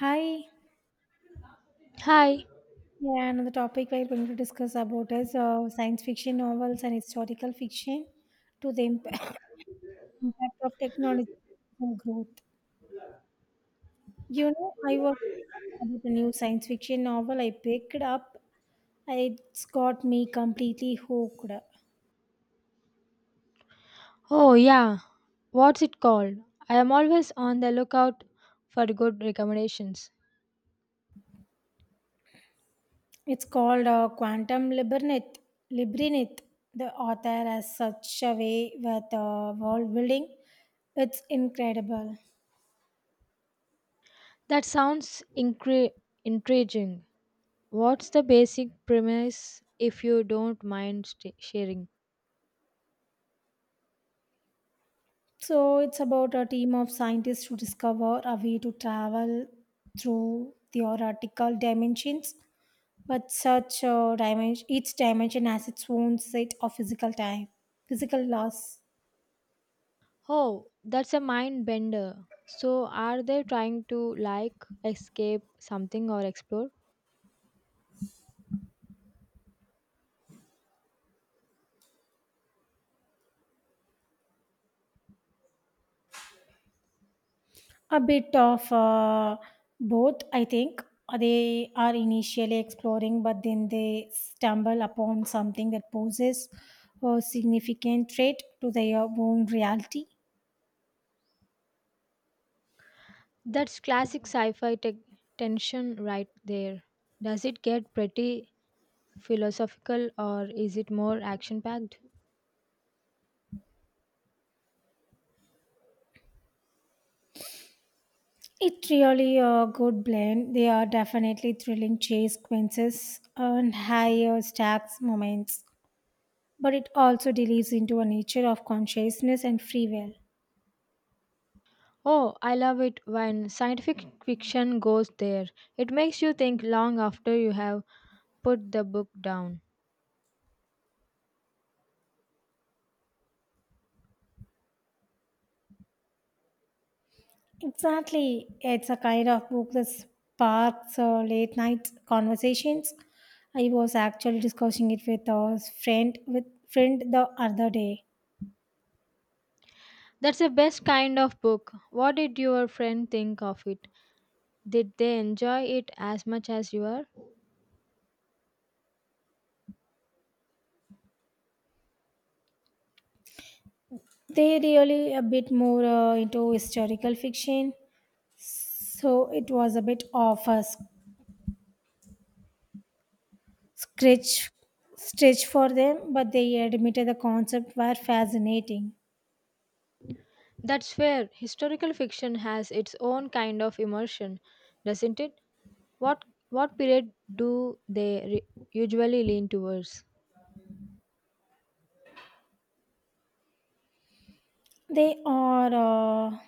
Hi. Hi. Yeah, another topic we're going to discuss about is science fiction novels and historical fiction to the impact of technology on growth. You know, I was about a new science fiction novel I picked up. It's got me completely hooked. Oh, yeah. What's it called? I am always on the lookout for good recommendations. It's called Quantum Labyrinth. Labyrinth. The author has such a way with world building. It's incredible. That sounds intriguing. What's the basic premise if you don't mind sharing? So it's about a team of scientists to discover a way to travel through theoretical dimensions, but such a dimension, each dimension has its own set of physical time, physical laws. Oh, that's a mind bender. So, are they trying to like escape something or explore? A bit of both, I think. They are initially exploring, but then they stumble upon something that poses a significant threat to their own reality. That's classic sci fi tension right there. Does it get pretty philosophical or is it more action packed? It really a good blend. They are definitely thrilling chase sequences and higher stakes moments, but it also delves into a nature of consciousness and free will. Oh, I love it when scientific fiction goes there. It makes you think long after you have put the book down. Exactly, it's a kind of book that sparks late night conversations. I was actually discussing it with a friend the other day. That's the best kind of book. What did your friend think of it? Did they enjoy it as much as you are? They really a bit more into historical fiction, so it was a bit of a scratch stretch for them, but they admitted the concept were fascinating. That's fair. Historical fiction has its own kind of immersion, doesn't it? What what period do they usually lean towards? They are uh,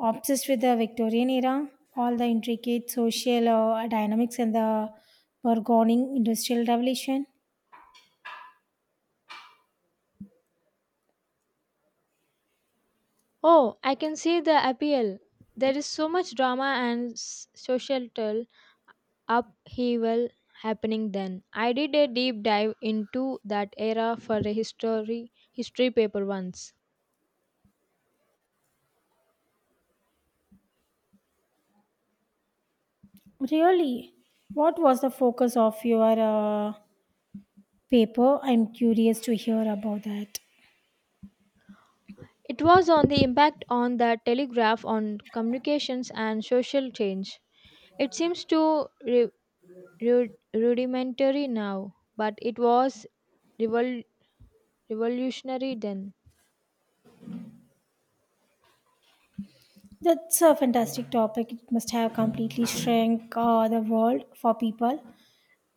obsessed with the Victorian era, all the intricate social dynamics and the burgeoning industrial revolution. Oh, I can see the appeal. There is so much drama and societal upheaval happening then. I did a deep dive into that era for a history paper once. Really, what was the focus of your paper? I'm curious to hear about that. It was on the impact on the telegraph on communications and social change. It seems too rudimentary now, but it was revol- revolutionary then. That's a fantastic topic. It must have completely shrunk the world for people.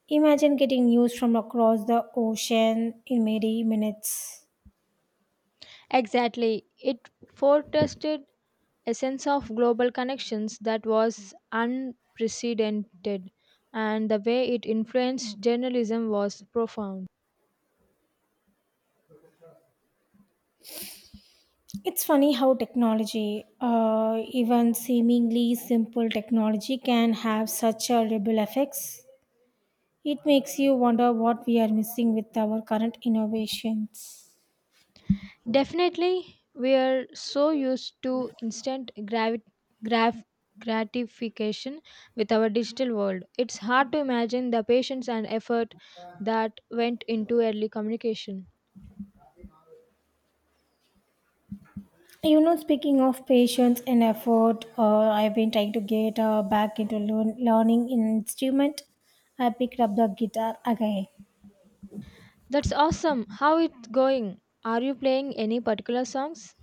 Imagine getting news from across the ocean in merely minutes. Exactly. It forecasted a sense of global connections that was unprecedented, and the way it influenced journalism was profound. It's funny how technology, even seemingly simple technology, can have such a ripple effects. It makes you wonder what we are missing with our current innovations. Definitely, we are so used to instant graf- gratification with our digital world. It's hard to imagine the patience and effort that went into early communication. You know, speaking of patience and effort, I've been trying to get back into learning an instrument. I picked up the guitar again. That's awesome. How it's going? Are you playing any particular songs?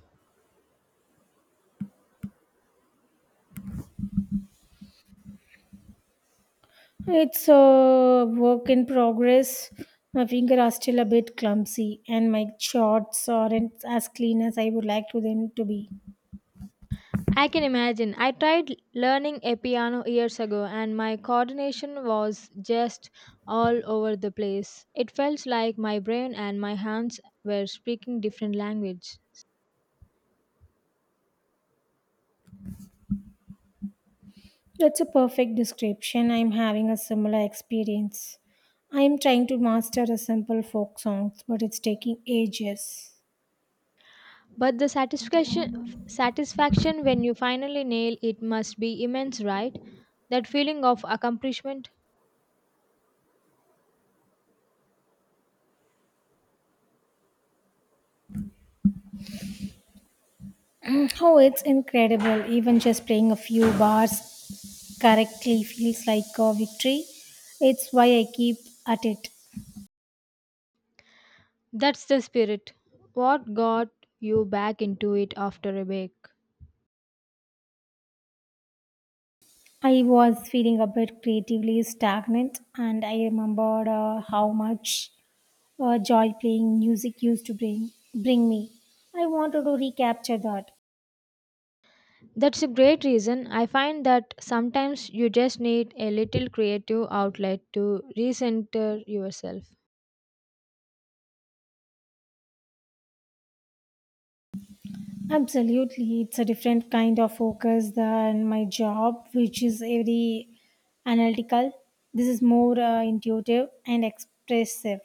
It's a work in progress. My fingers are still a bit clumsy, and my shots aren't as clean as I would like to them to be. I can imagine. I tried learning a piano years ago and my coordination was just all over the place. It felt like my brain and my hands were speaking different languages. That's a perfect description. I'm having a similar experience. I'm trying to master a simple folk songs, but it's taking ages. But the satisfaction when you finally nail it must be immense, right? That feeling of accomplishment, Oh, it's incredible. Even just playing a few bars correctly feels like a victory. It's why I keep at it. that's the spirit. What got you back into it after a break? I was feeling a bit creatively stagnant, and I remembered how much joy playing music used to bring me. I wanted to recapture that. That's a great reason. I find that sometimes you just need a little creative outlet to recenter yourself. Absolutely, it's a different kind of focus than my job, which is very analytical. This is more intuitive and expressive.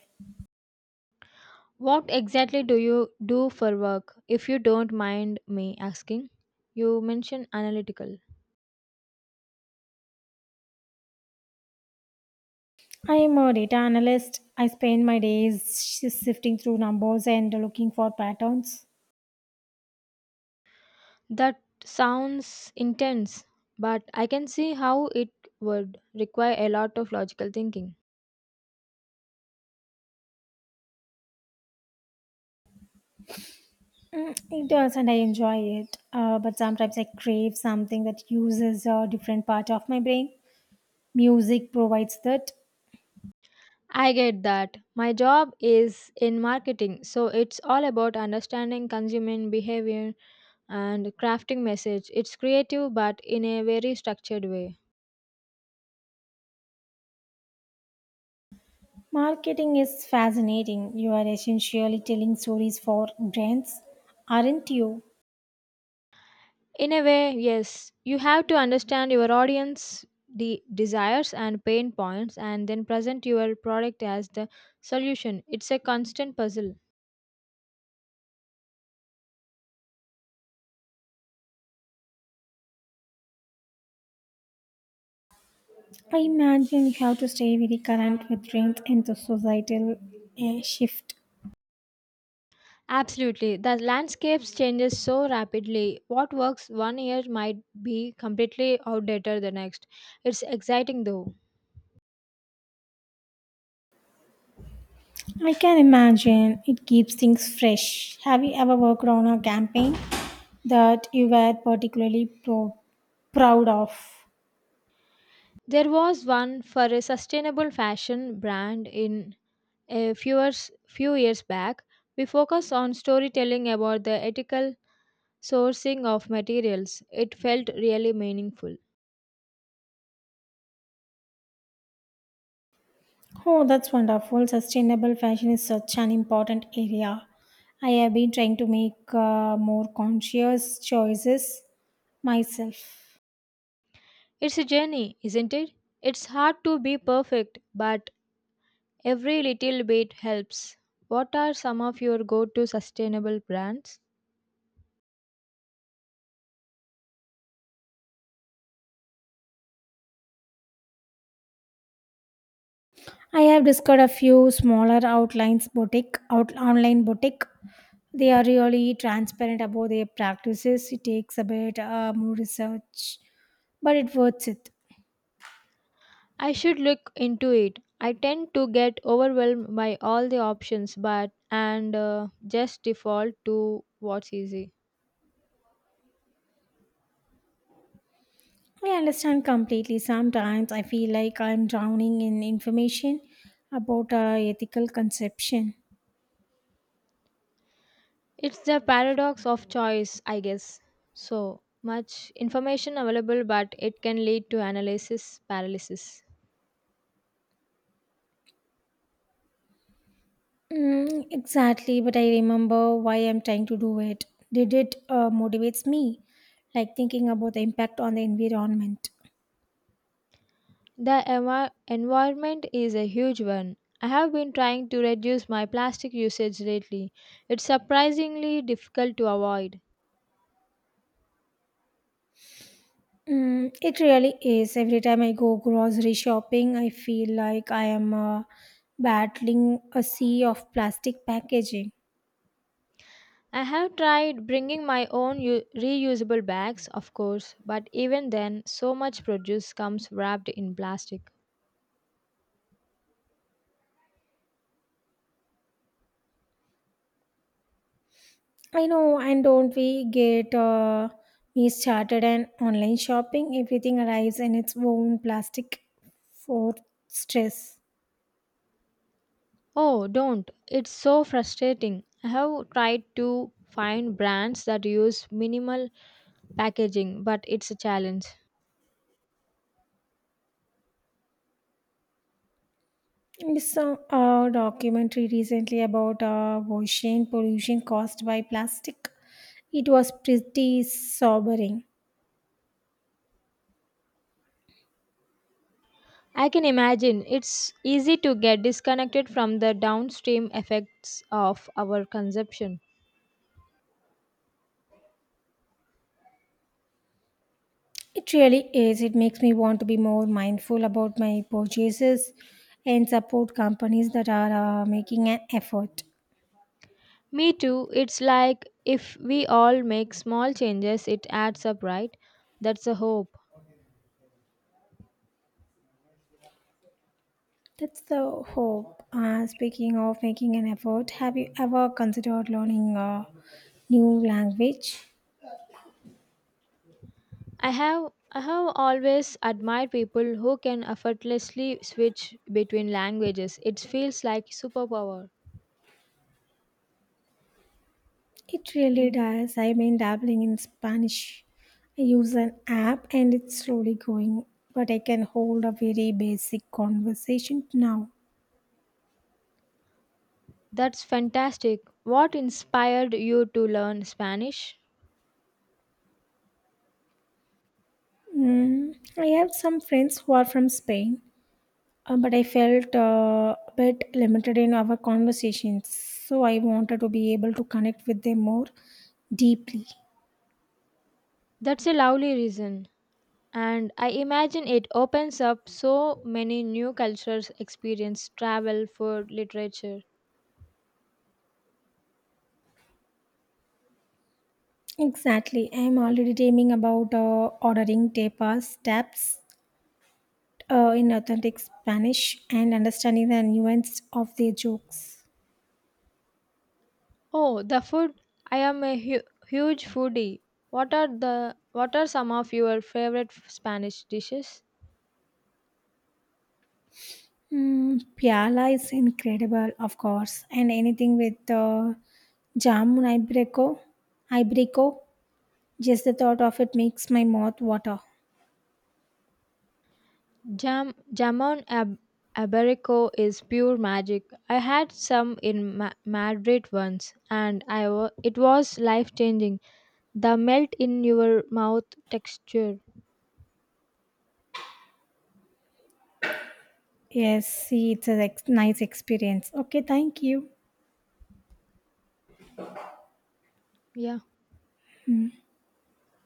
What exactly do you do for work, if you don't mind me asking? You mentioned analytical. I am a data analyst. I spend my days shifting through numbers and looking for patterns. That sounds intense, but I can see how it would require a lot of logical thinking. Mm, it does, and I enjoy it. But sometimes I crave something that uses a different part of my brain. Music provides that. I get that. My job is in marketing, so it's all about understanding consumer behavior and crafting message, it's creative but in a very structured way. Marketing is fascinating. You are essentially telling stories for brands, aren't you? In a way, yes, you have to understand your audience, the desires and pain points, and then present your product as the solution. It's a constant puzzle. I imagine you have to stay very current with trends and the societal shift. Absolutely, the landscapes changes so rapidly, what works one year might be completely outdated the next. It's exciting though. I can imagine it keeps things fresh. Have you ever worked on a campaign that you were particularly proud of? There was one for a sustainable fashion brand in a few years back, we focused on storytelling about the ethical sourcing of materials. It felt really meaningful. Oh, that's wonderful. Sustainable fashion is such an important area. I have been trying to make more conscious choices myself. It's a journey, isn't it? It's hard to be perfect, but every little bit helps. What are some of your go to sustainable brands? I have discovered a few smaller outlines boutique, out, online boutique. They are really transparent about their practices. It takes a bit more research, but it worth it. I should look into it. I tend to get overwhelmed by all the options, but and just default to what's easy. I understand completely. Sometimes I feel like I'm drowning in information about ethical conception. It's the paradox of choice, I guess. So much information available, but it can lead to analysis paralysis. Mm, exactly, but I remember why I'm trying to do it. Did it motivates me, like thinking about the impact on the environment. The environment is a huge one. I have been trying to reduce my plastic usage lately. It's surprisingly difficult to avoid. Mm, it really is. Every time I go grocery shopping, I feel like I am battling a sea of plastic packaging. I have tried bringing my own reusable bags, of course, but even then, so much produce comes wrapped in plastic. I know, and don't we get me started on online shopping? Everything arrives in its own plastic for stress. Oh, don't. It's so frustrating. I have tried to find brands that use minimal packaging, but it's a challenge. Some a documentary recently about ocean pollution caused by plastic. It was pretty sobering. I can imagine it's easy to get disconnected from the downstream effects of our consumption. It really is. It makes me want to be more mindful about my purchases and support companies that are making an effort. Me too. It's like if we all make small changes, it adds up, right? That's a hope. That's the hope. Speaking of making an effort, have you ever considered learning a new language? I have always admired people who can effortlessly switch between languages. It feels like superpower. It really does. I've been dabbling in Spanish. I use an app and it's slowly going, but I can hold a very basic conversation now. That's fantastic. What inspired you to learn Spanish? Mm, I have some friends who are from Spain, but I felt a bit limited in our conversations, so I wanted to be able to connect with them more deeply. That's a lovely reason. And I imagine it opens up so many new cultures, experience, travel, food, literature. Exactly. I'm already dreaming about ordering tapas, taps, in authentic Spanish and understanding the nuance of their jokes. Oh, the food. I am a huge foodie. What are some of your favorite Spanish dishes? Mm, Piala is incredible, of course, and anything with jamun ibreco, ibreco. Just the thought of it makes my mouth water. Jamon iberico is pure magic. I had some in Madrid once and it was life changing. The melt in your mouth texture. Yes, see, it's a nice experience. Okay, thank you. Yeah.